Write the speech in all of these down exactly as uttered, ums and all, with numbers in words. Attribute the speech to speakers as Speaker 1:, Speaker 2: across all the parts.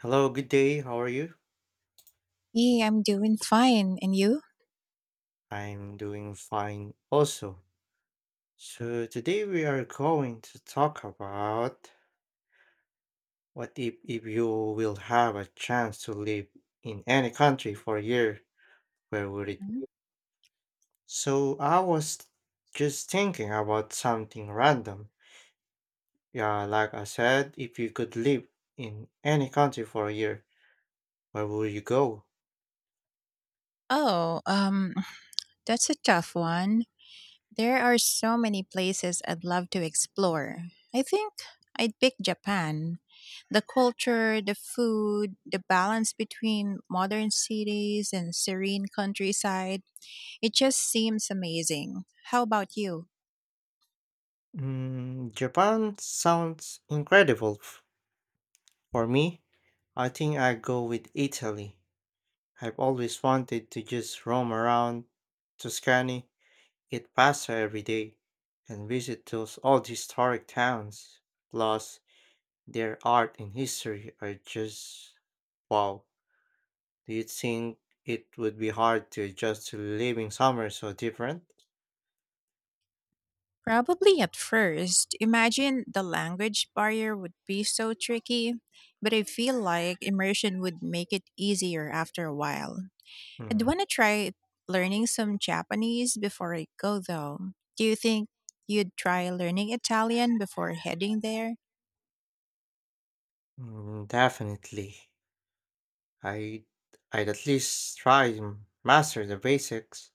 Speaker 1: Hello, good day. How are you?
Speaker 2: Yeah, I'm doing fine. And you?
Speaker 1: I'm doing fine also. So today we are going to talk about what if, if you will have a chance to live in any country for a year, where would it
Speaker 2: Mhm.
Speaker 1: be? So I was just thinking about something random. Yeah, like I said, if you could live in any country for a year, where would you go?
Speaker 2: Oh, um, that's a tough one. There are so many places I'd love to explore. I think I'd pick Japan. The culture, the food, the balance between modern cities and serene countryside, it just seems amazing. How about you?
Speaker 1: Mm, Japan sounds incredible. For me, I think I go with Italy. I've always wanted to just roam around Tuscany, eat pasta every day, and visit those old historic towns. Plus, their art and history are just wow. Do you think it would be hard to adjust to living somewhere so different?
Speaker 2: Probably at first. Imagine the language barrier would be so tricky, but I feel like immersion would make it easier after a while. I'd
Speaker 1: Mm,
Speaker 2: want to try learning some Japanese before I go, though. Do you think you'd try learning Italian before heading there?
Speaker 1: mm, definitely. I I'd at least try and master the basics.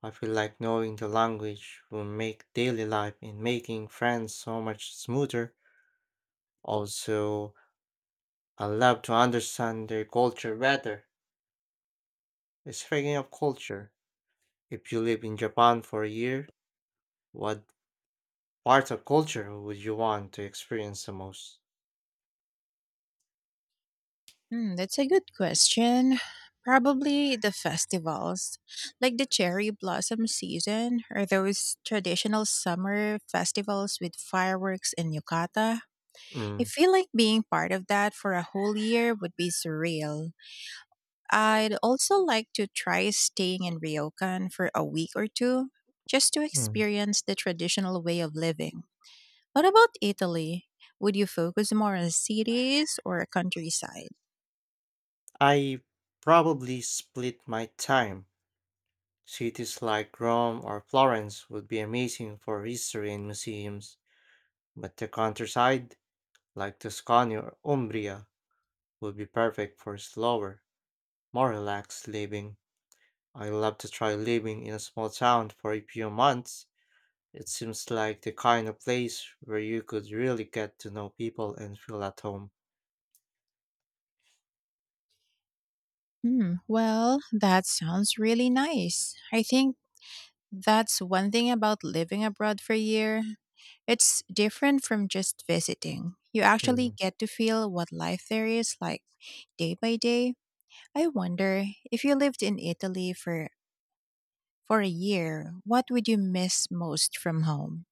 Speaker 1: I feel like knowing the language will make daily life and making friends so much smoother. Also, I love to understand their culture better. Speaking of culture, if you live in Japan for a year, what part of culture would you want to experience the most?
Speaker 2: Hmm, that's a good question. Probably the festivals, like the cherry blossom season or those traditional summer festivals with fireworks and yukata. I
Speaker 1: Mm.
Speaker 2: feel like being part of that for a whole year would be surreal. I'd also like to try staying in Ryokan for a week or two just to
Speaker 1: Mm.
Speaker 2: experience the traditional way of living. What about Italy? Would you focus more on cities or countryside?
Speaker 1: I probably split my time. Cities like Rome or Florence would be amazing for history and museums, but the countryside, like Tuscany or Umbria, would be perfect for slower, more relaxed living. I love to try living in a small town for a few months. It seems like the kind of place where you could really get to know people and feel at home.
Speaker 2: Hmm, well, that sounds really nice. I think that's one thing about living abroad for a year. It's different from just visiting. You actually
Speaker 1: Mm.
Speaker 2: get to feel what life there is like day by day. I wonder if you lived in Italy for for a year, what would you miss most from home?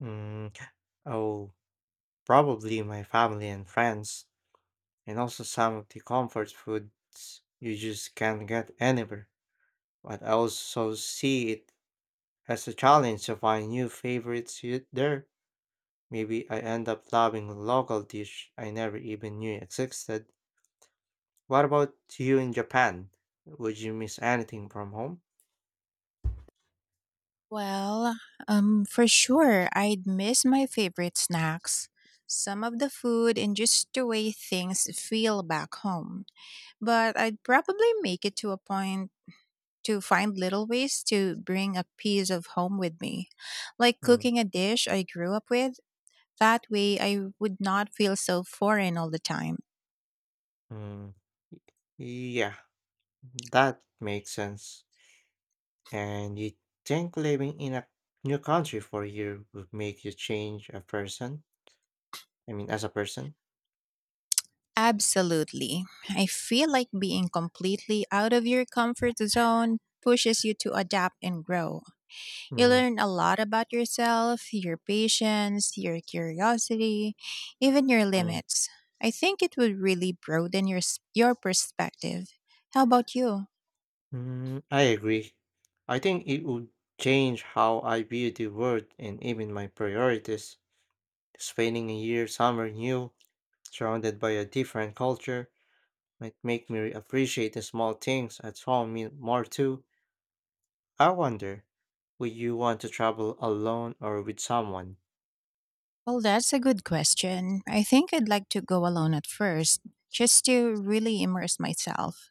Speaker 1: Mm, oh, probably my family and friends, and also some of the comfort foods you just can't get anywhere. But I also see it as a challenge to find new favorites you- there. Maybe I end up loving a local dish I never even knew existed. What about you in Japan? Would you miss anything from home?
Speaker 2: Well, um for sure I'd miss my favorite snacks, some of the food and just the way things feel back home. But I'd probably make it to a point to find little ways to bring a piece of home with me, like
Speaker 1: Mm,
Speaker 2: cooking a dish I grew up with. That way I would not feel so foreign all the time.
Speaker 1: mm, y- Yeah, that makes sense. And you think living in a new country for a year would make you change a person? I mean, as a person?
Speaker 2: Absolutely. I feel like being completely out of your comfort zone pushes you to adapt and grow. You
Speaker 1: Mm,
Speaker 2: learn a lot about yourself, your patience, your curiosity, even your
Speaker 1: mm,
Speaker 2: limits. I think it would really broaden your s- your perspective. How about you?
Speaker 1: mm, I agree. I think it would change how I view the world and even my priorities. Spending a year somewhere new surrounded by a different culture might make me appreciate the small things at home me- more too. I wonder, would you want to travel alone or with someone?
Speaker 2: Well, that's a good question. I think I'd like to go alone at first, just to really immerse myself.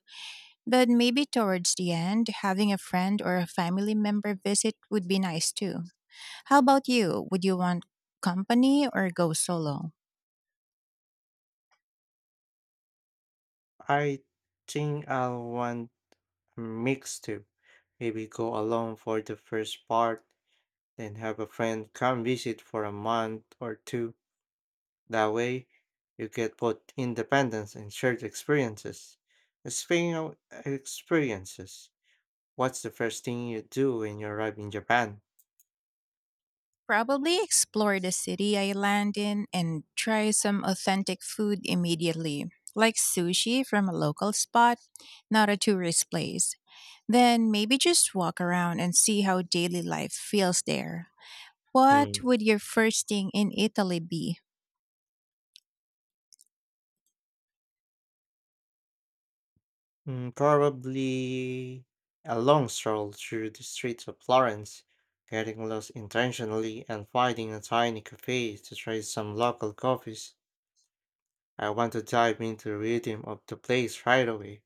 Speaker 2: But maybe towards the end, having a friend or a family member visit would be nice too. How about you? Would you want company or go solo?
Speaker 1: I think I'll want a mix too. Maybe go alone for the first part, then have a friend come visit for a month or two. That way, you get both independence and shared experiences. Speaking of experiences, what's the first thing you do when you arrive in Japan?
Speaker 2: Probably explore the city I land in and try some authentic food immediately, like sushi from a local spot, not a tourist place. Then maybe just walk around and see how daily life feels there. What
Speaker 1: Hmm,
Speaker 2: would your first thing in Italy be?
Speaker 1: mm, probably a long stroll through the streets of Florence, getting lost intentionally and finding a tiny cafe to try some local coffees. I want to dive into the rhythm of the place right away.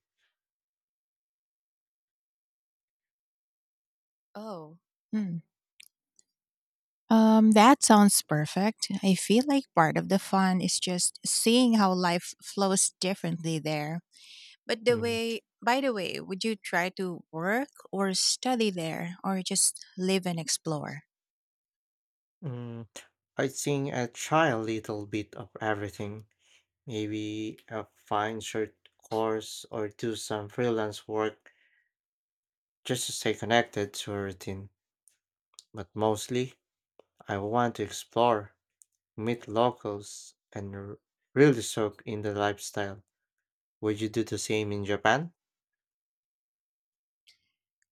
Speaker 2: Oh. Um, that sounds perfect. I feel like part of the fun is just seeing how life flows differently there. But the
Speaker 1: Mm,
Speaker 2: way, by the way, would you try to work or study there or just live and explore?
Speaker 1: mm, I think I try a little bit of everything. Maybe a fine short course or do some freelance work just to stay connected to a routine. But mostly, I want to explore, meet locals, and r- really soak in the lifestyle. Would you do the same in Japan?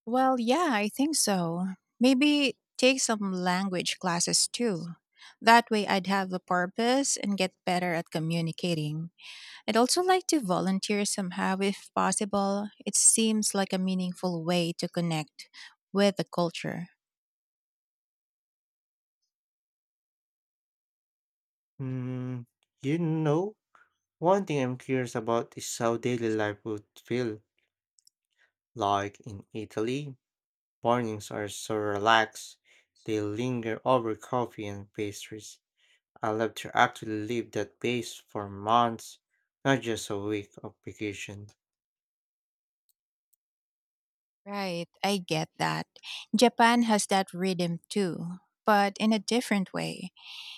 Speaker 2: Well, yeah, I think so. Maybe take some language classes too. That way I'd have a purpose and get better at communicating. I'd also like to volunteer somehow if possible. It seems like a meaningful way to connect with the culture.
Speaker 1: Mm, you know, one thing I'm curious about is how daily life would feel like in Italy. Mornings are so relaxed, they linger over coffee and pastries. I love to actually leave that base for months, not just a week of vacation.
Speaker 2: Right, I get that. Japan has that rhythm too, but in a different way.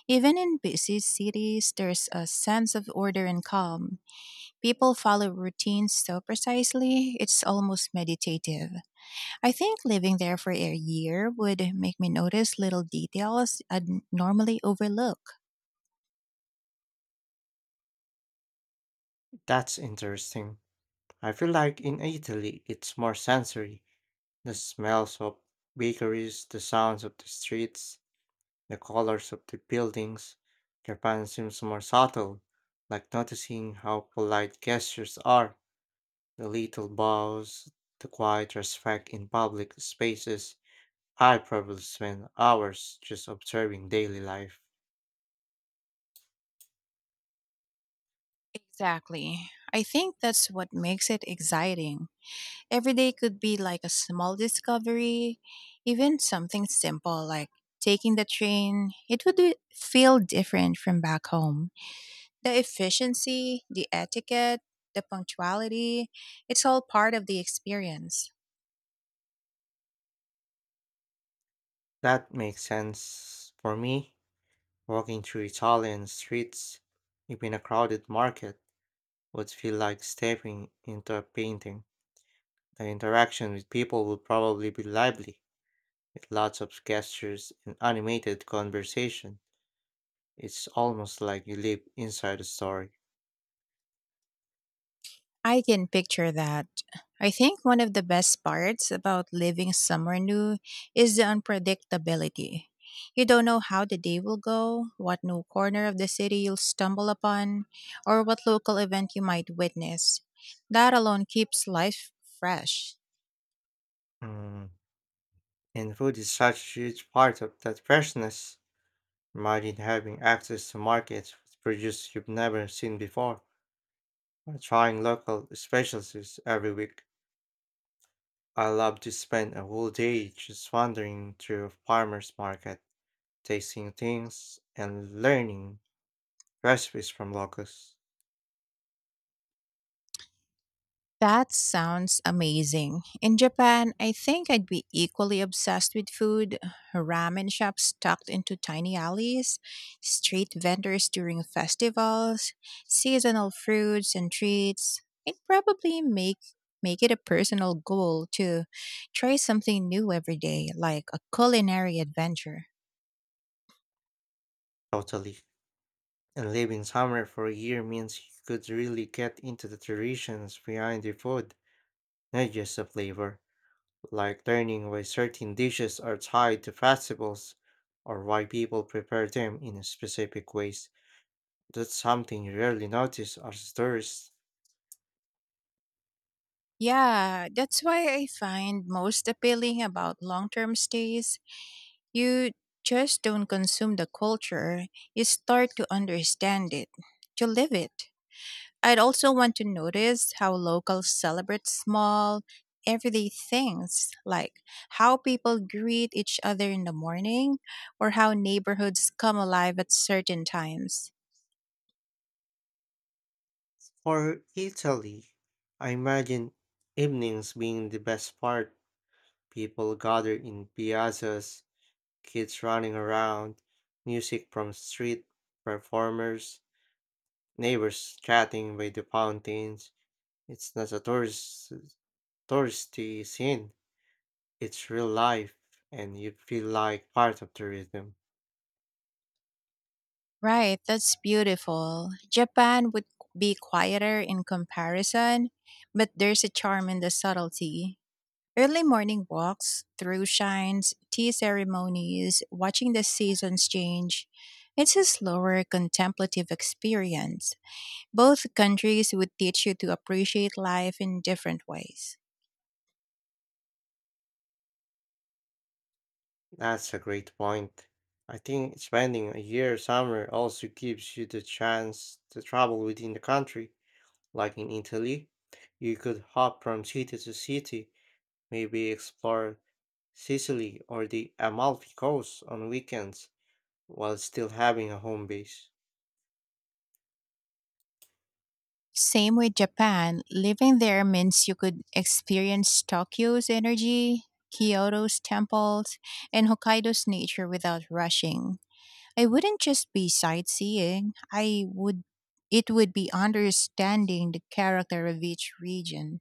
Speaker 2: Even in busy cities, there's a sense of order and calm. People follow routines so precisely, it's almost meditative. I think living there for a year would make me notice little details I'd normally overlook.
Speaker 1: That's interesting. I feel like in Italy it's more sensory. The smells of bakeries, the sounds of the streets, the colors of the buildings. Japan seems more subtle, like noticing how polite gestures are, the little bows, the quiet respect in public spaces. I probably spend hours just observing daily life.
Speaker 2: Exactly. I think that's what makes it exciting. Every day could be like a small discovery, even something simple like taking the train. It would be- feel different from back home. The efficiency, the etiquette, the punctuality, it's all part of the experience.
Speaker 1: That makes sense for me. Walking through Italian streets, even a crowded market, would feel like stepping into a painting. The interaction with people will probably be lively, with lots of gestures and animated conversation. It's almost like you live inside a story.
Speaker 2: I can picture that. I think one of the best parts about living somewhere new is the unpredictability. You don't know how the day will go, what new corner of the city you'll stumble upon, or what local event you might witness. That alone keeps life fresh.
Speaker 1: Mm. And food is such a huge part of that freshness. Imagine having access to markets with produce you've never seen before, or trying local specialties every week. I love to spend a whole day just wandering through a farmer's market, tasting things and learning recipes from locals.
Speaker 2: That sounds amazing. In Japan, I think I'd be equally obsessed with food. Ramen shops tucked into tiny alleys, street vendors during festivals, seasonal fruits and treats. I'd probably make make it a personal goal to try something new every day, like a culinary adventure.
Speaker 1: Totally. And living somewhere for a year means you could really get into the traditions behind the food, not just the flavor. Like learning why certain dishes are tied to festivals or why people prepare them in specific ways. That's something you rarely notice as a tourist.
Speaker 2: Yeah, that's why I find most appealing about long-term stays. You just don't consume the culture, you start to understand it, to live it. I'd also want to notice how locals celebrate small, everyday things, like how people greet each other in the morning or how neighborhoods come alive at certain times.
Speaker 1: For Italy, I imagine evenings being the best part. People gather in piazzas, kids running around, music from street performers, neighbors chatting by the fountains. It's not a tourist touristy scene. It's real life and you feel like part of the rhythm.
Speaker 2: Right, that's beautiful. Japan would be quieter in comparison, but there's a charm in the subtlety. Early morning walks, through shines, tea ceremonies, watching the seasons change. It's a slower, contemplative experience. Both countries would teach you to appreciate life in different ways.
Speaker 1: That's a great point. I think spending a year somewhere also gives you the chance to travel within the country. Like in Italy, you could hop from city to city, maybe explore Sicily or the Amalfi Coast on weekends while still having a home base.
Speaker 2: Same with Japan, living there means you could experience Tokyo's energy, Kyoto's temples, and Hokkaido's nature without rushing. I wouldn't just be sightseeing. I would It would be understanding the character of each region.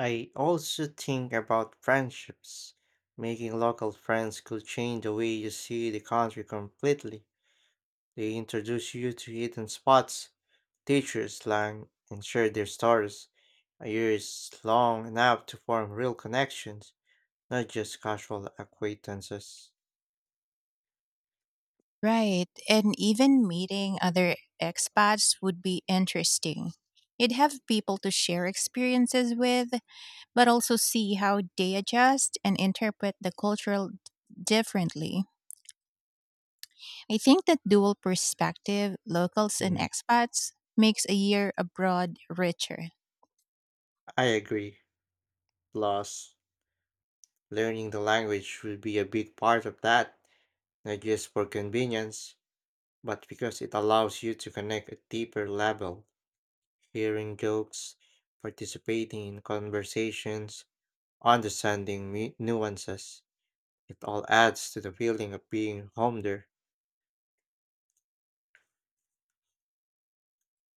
Speaker 1: I also think about friendships. Making local friends could change the way you see the country completely. They introduce you to hidden spots, teach you slang, and share their stories. A year is long enough to form real connections, not just casual acquaintances.
Speaker 2: Right. And even meeting other expats would be interesting. You'd have people to share experiences with, but also see how they adjust and interpret the cultural d- differently. I think that dual perspective, locals and
Speaker 1: Mm.
Speaker 2: expats, makes a year abroad richer.
Speaker 1: I agree. Plus, learning the language will be a big part of that, not just for convenience, but because it allows you to connect at deeper level, hearing jokes, participating in conversations, understanding mu- nuances. It all adds to the feeling of being home there.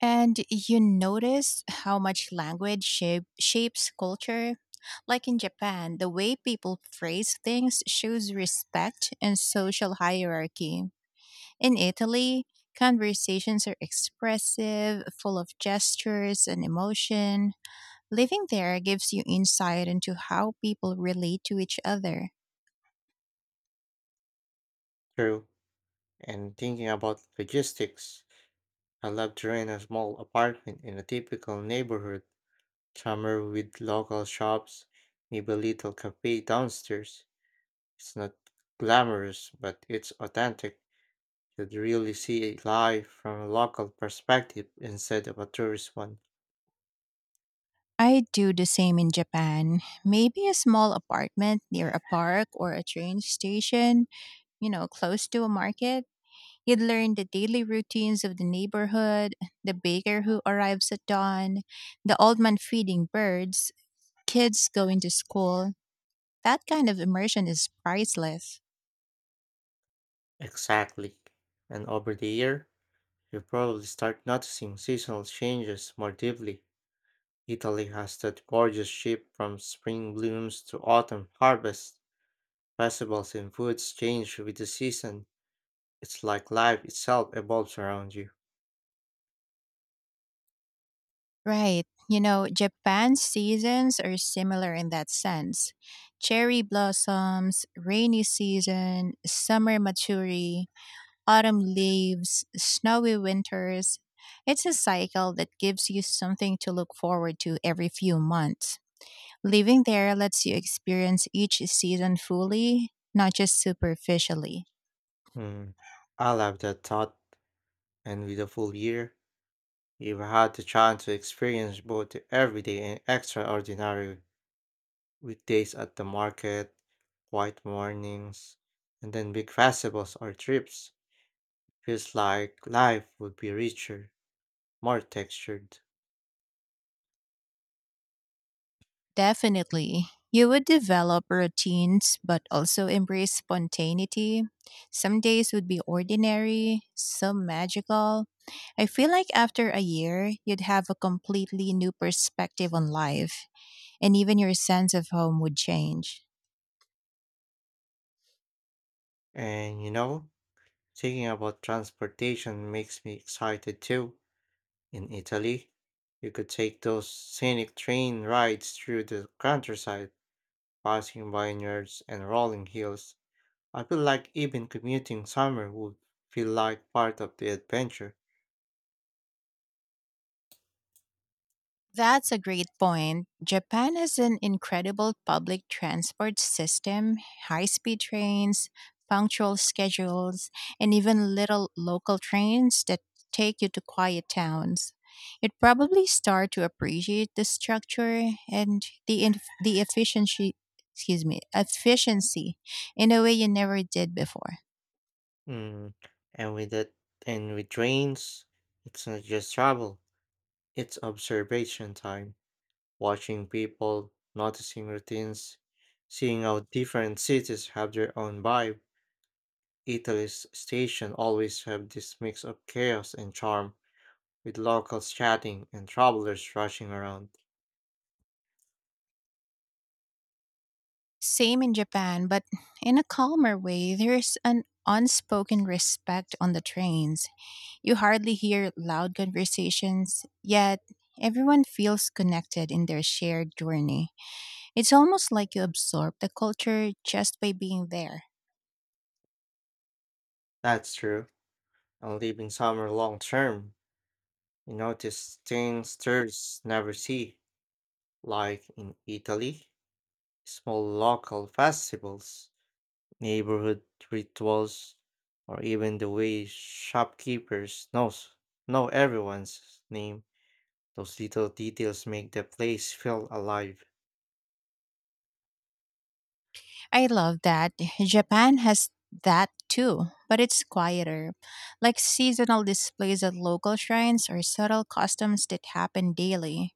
Speaker 2: And you notice how much language shape, shapes culture? Like in Japan, the way people phrase things shows respect and social hierarchy. In Italy, conversations are expressive, full of gestures and emotion. Living there gives you insight into how people relate to each other.
Speaker 1: True. And thinking about logistics, I love to rent a small apartment in a typical neighborhood, somewhere with local shops, maybe a little cafe downstairs. It's not glamorous, but it's authentic. You'd really see life from a local perspective instead of a tourist one.
Speaker 2: I do the same in Japan. Maybe a small apartment near a park or a train station, you know, close to a market. You'd learn the daily routines of the neighborhood, the baker who arrives at dawn, the old man feeding birds, kids going to school. That kind of immersion is priceless.
Speaker 1: Exactly. And over the year, you probably start noticing seasonal changes more deeply. Italy has that gorgeous shift from spring blooms to autumn harvest. Festivals and foods change with the season. It's like life itself evolves around you.
Speaker 2: Right. You know, Japan's seasons are similar in that sense. Cherry blossoms, rainy season, summer maturity, autumn leaves, snowy winters. It's a cycle that gives you something to look forward to every few months. Living there lets you experience each season fully, not just superficially.
Speaker 1: Mm. I love that thought. And with a full year, you've had the chance to experience both the everyday and extraordinary. Weekdays at the market, quiet mornings, and then big festivals or trips. Feels like life would be richer, more textured.
Speaker 2: Definitely. You would develop routines, but also embrace spontaneity. Some days would be ordinary, some magical. I feel like after a year, you'd have a completely new perspective on life, and even your sense of home would change.
Speaker 1: And you know, thinking about transportation makes me excited too. In Italy, you could take those scenic train rides through the countryside, passing vineyards and rolling hills. I feel like even commuting summer would feel like part of the adventure.
Speaker 2: That's a great point. Japan has an incredible public transport system, high speed trains, punctual schedules, and even little local trains that take you to quiet towns. You'd probably start to appreciate the structure and the inf- the efficiency, excuse me, efficiency, in a way you never did before.
Speaker 1: Mm. And with it, and with trains, it's not just travel, it's observation time, watching people, noticing routines, seeing how different cities have their own vibe. Italy's station always have this mix of chaos and charm, with locals chatting and travelers rushing around.
Speaker 2: Same in Japan, but in a calmer way, there's an unspoken respect on the trains. You hardly hear loud conversations, yet everyone feels connected in their shared journey. It's almost like you absorb the culture just by being there.
Speaker 1: That's true. And living somewhere long term, you notice things tourists never see, like in Italy. Small local festivals, neighborhood rituals, or even the way shopkeepers knows know everyone's name. Those little details make the place feel alive.
Speaker 2: I love that. Japan has that too, but it's quieter, like seasonal displays at local shrines or subtle customs that happen daily.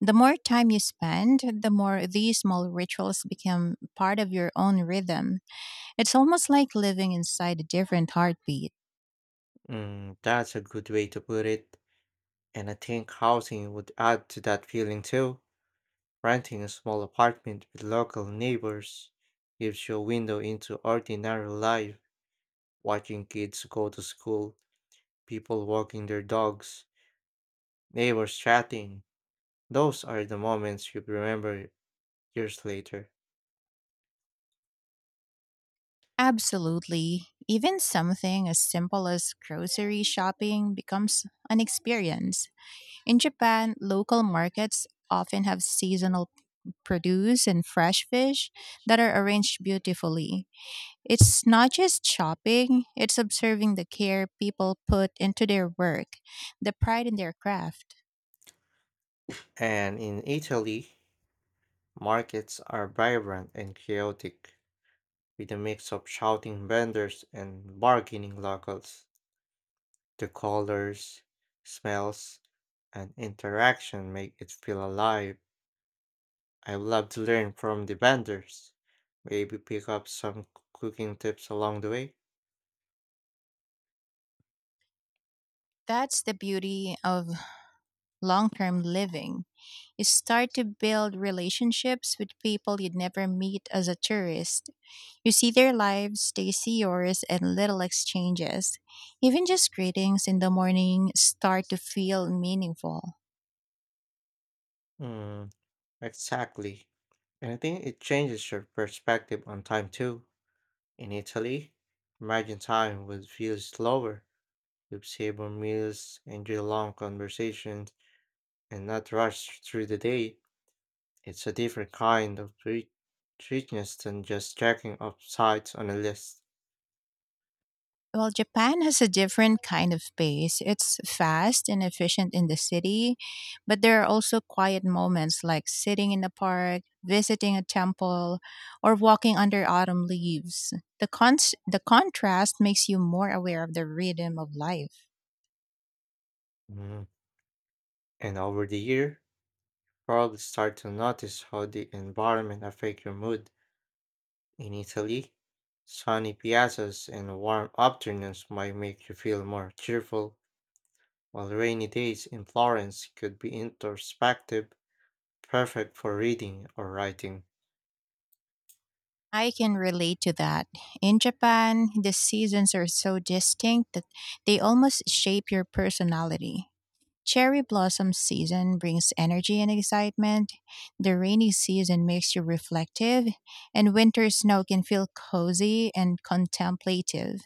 Speaker 2: The more time you spend, the more these small rituals become part of your own rhythm. It's almost like living inside a different heartbeat.
Speaker 1: Mm, that's a good way to put it. And I think housing would add to that feeling too. Renting a small apartment with local neighbors gives you a window into ordinary life, watching kids go to school, people walking their dogs, neighbors chatting. Those are the moments you remember years later.
Speaker 2: Absolutely. Even something as simple as grocery shopping becomes an experience. In Japan, local markets often have seasonal produce and fresh fish that are arranged beautifully. It's not just shopping, it's observing the care people put into their work, the pride in their craft.
Speaker 1: And in Italy, markets are vibrant and chaotic, with a mix of shouting vendors and bargaining locals. The colors, smells, and interaction make it feel alive. I would love to learn from the vendors. Maybe pick up some cooking tips along the way.
Speaker 2: That's the beauty of long term living. You start to build relationships with people you'd never meet as a tourist. You see their lives, they see yours, and little exchanges. Even just greetings in the morning start to feel meaningful.
Speaker 1: Mm, exactly. And I think it changes your perspective on time too. In Italy, time would feel slower. You'd savor meals, enjoy long conversations, and not rush through the day. It's a different kind of treat- treatness than just checking off sites on a list.
Speaker 2: Well, Japan has a different kind of pace. It's fast and efficient in the city, but there are also quiet moments like sitting in a park, visiting a temple, or walking under autumn leaves. The cons- the contrast makes you more aware of the rhythm of life.
Speaker 1: Mm. And over the year, probably start to notice how the environment affect your mood. In Italy, sunny piazzas and warm afternoons might make you feel more cheerful, while rainy days in Florence could be introspective, perfect for reading or writing.
Speaker 2: I can relate to that. In Japan, the seasons are so distinct that they almost shape your personality. Cherry blossom season brings energy and excitement. The rainy season makes you reflective, and winter snow can feel cozy and contemplative.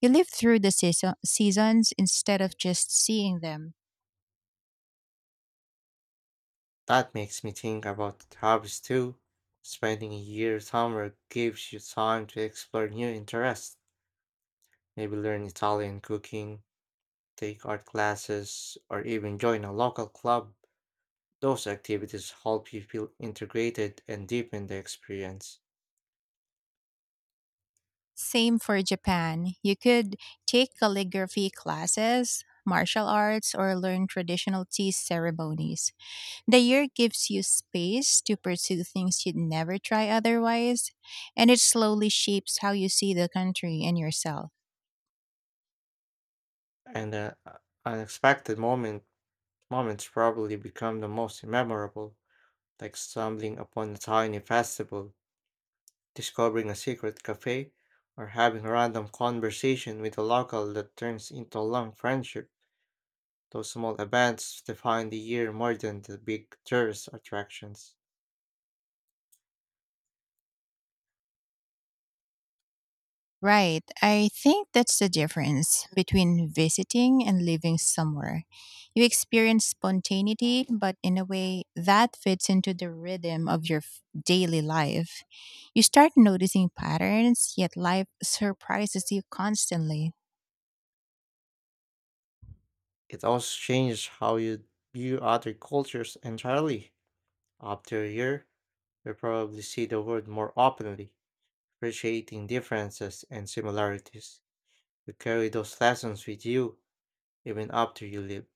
Speaker 2: You live through the season- seasons instead of just seeing them.
Speaker 1: That makes me think about hobbies too. Spending a year somewhere gives you time to explore new interests, maybe learn Italian cooking, take art classes, or even join a local club. Those activities help you feel integrated and deepen the experience.
Speaker 2: Same for Japan. You could take calligraphy classes, martial arts, or learn traditional tea ceremonies. The year gives you space to pursue things you'd never try otherwise, and it slowly shapes how you see the country and yourself.
Speaker 1: And uh, uh, unexpected moment moments probably become the most memorable, like stumbling upon a tiny festival, discovering a secret cafe, or having a random conversation with a local that turns into a long friendship. Those small events define the year more than the big tourist attractions.
Speaker 2: Right. I think that's the difference between visiting and living somewhere. You experience spontaneity, but in a way that fits into the rhythm of your f- daily life. You start noticing patterns, yet life surprises you constantly.
Speaker 1: It also changes how you view other cultures entirely. After a year, you probably see the world more openly, appreciating differences and similarities. You carry those lessons with you even after you leave.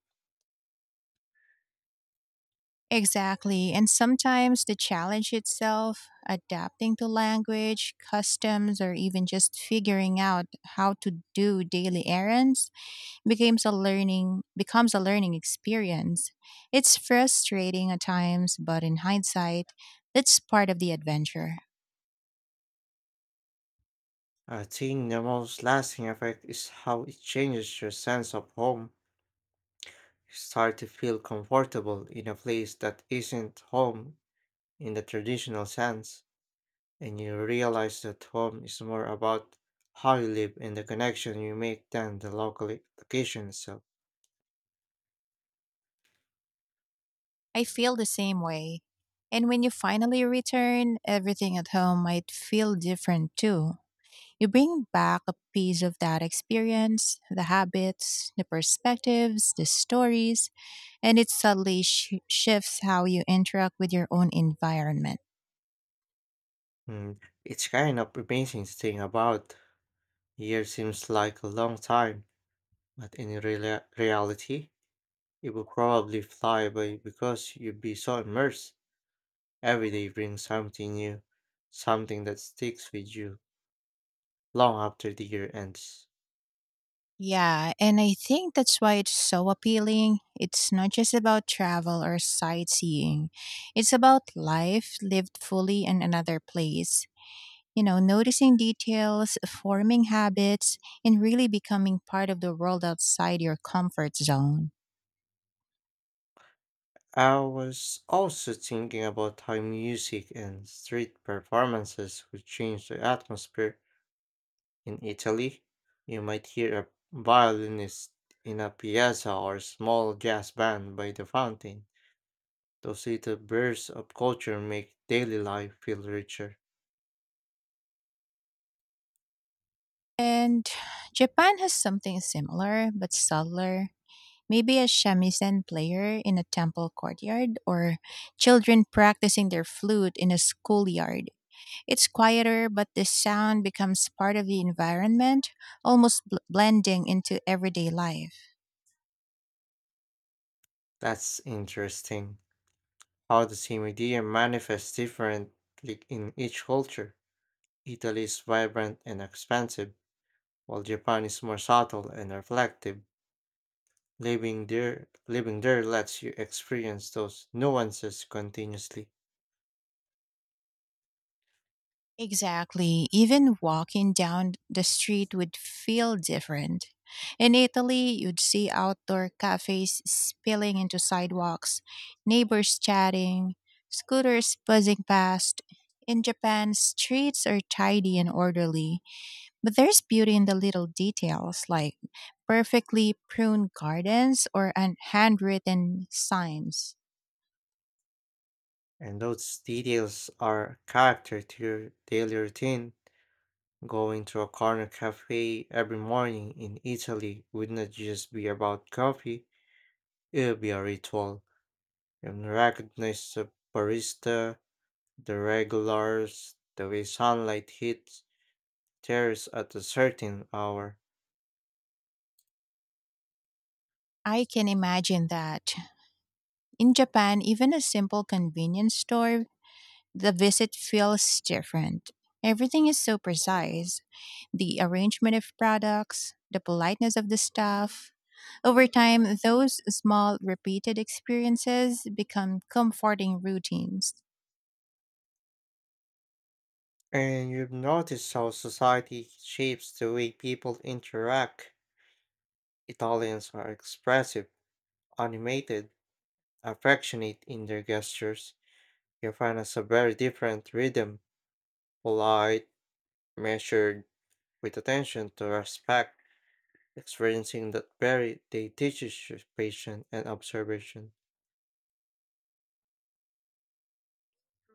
Speaker 2: Exactly. And sometimes the challenge itself, adapting to language, customs, or even just figuring out how to do daily errands, becomes a learning becomes a learning experience. It's frustrating at times, but in hindsight, that's part of the adventure.
Speaker 1: I think the most lasting effect is how it changes your sense of home. Start to feel comfortable in a place that isn't home in the traditional sense, and you realize that home is more about how you live and the connection you make than the local i- location itself.
Speaker 2: I feel the same way. And when you finally return, everything at home might feel different too. You bring back a piece of that experience, the habits, the perspectives, the stories, and it subtly sh- shifts how you interact with your own environment.
Speaker 1: Mm, it's kind of amazing to think about. Year seems like a long time, but in reala- reality, it will probably fly by because you'd be so immersed. Every day brings something new, something that sticks with you long after the year ends.
Speaker 2: Yeah, and I think that's why it's so appealing. It's not just about travel or sightseeing, it's about life lived fully in another place. You know, noticing details, forming habits, and really becoming part of the world outside your comfort zone.
Speaker 1: I was also thinking about how music and street performances would change the atmosphere in Italy. You might hear a violinist in a piazza or a small jazz band by the fountain. Those little bursts of culture make daily life feel richer.
Speaker 2: And Japan has something similar but subtler. Maybe a shamisen player in a temple courtyard or children practicing their flute in a schoolyard. It's quieter, but the sound becomes part of the environment, almost bl- blending into everyday life.
Speaker 1: That's interesting. How the same idea manifests differently in each culture. Italy is vibrant and expansive, while Japan is more subtle and reflective. Living there, living there lets you experience those nuances continuously,
Speaker 2: Exactly. Even walking down the street would feel different. In Italy, you'd see outdoor cafes spilling into sidewalks, neighbors chatting, scooters buzzing past. In Japan, streets are tidy and orderly, but there's beauty in the little details like perfectly pruned gardens or an handwritten signs.
Speaker 1: and those details are character to your daily routine. Going to a corner cafe every morning in Italy would not just be about coffee, it would be a ritual. You recognize the barista, the regulars, the way sunlight hits chairs at a certain hour.
Speaker 2: I can imagine that. In Japan, even a simple convenience store The visit feels different. Everything is so precise, the arrangement of products, the politeness of the staff. Over time, those small repeated experiences become comforting routines.
Speaker 1: And you've noticed how society shapes the way people interact. Italians are expressive, animated, affectionate in their gestures. Japan has a very different rhythm, polite, measured, with attention to respect. Experiencing that very, they teaches you patience and observation.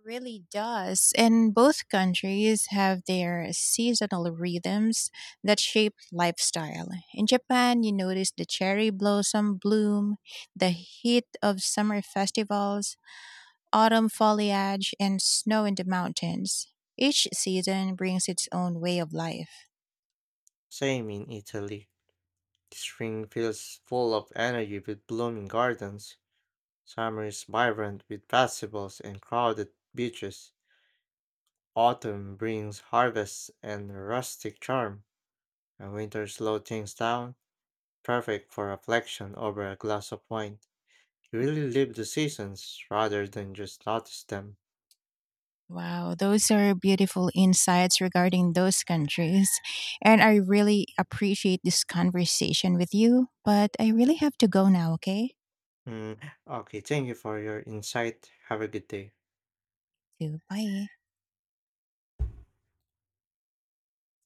Speaker 2: Really does. And both countries have their seasonal rhythms that shape lifestyle. In Japan, you notice the cherry blossom bloom, the heat of summer festivals, autumn foliage, and snow in the mountains. Each season brings its own way of life.
Speaker 1: Same in Italy. Spring feels full of energy with blooming gardens. Summer is vibrant with festivals and crowded beaches. Autumn brings harvests and rustic charm. A winter slow things down, perfect for reflection over a glass of wine. You really live the seasons rather than just notice them.
Speaker 2: Wow, those are beautiful insights regarding those countries. And I really appreciate this conversation with you, but I really have to go now, okay?
Speaker 1: Mm, okay, thank you for your insight. Have a good day.
Speaker 2: So, bye.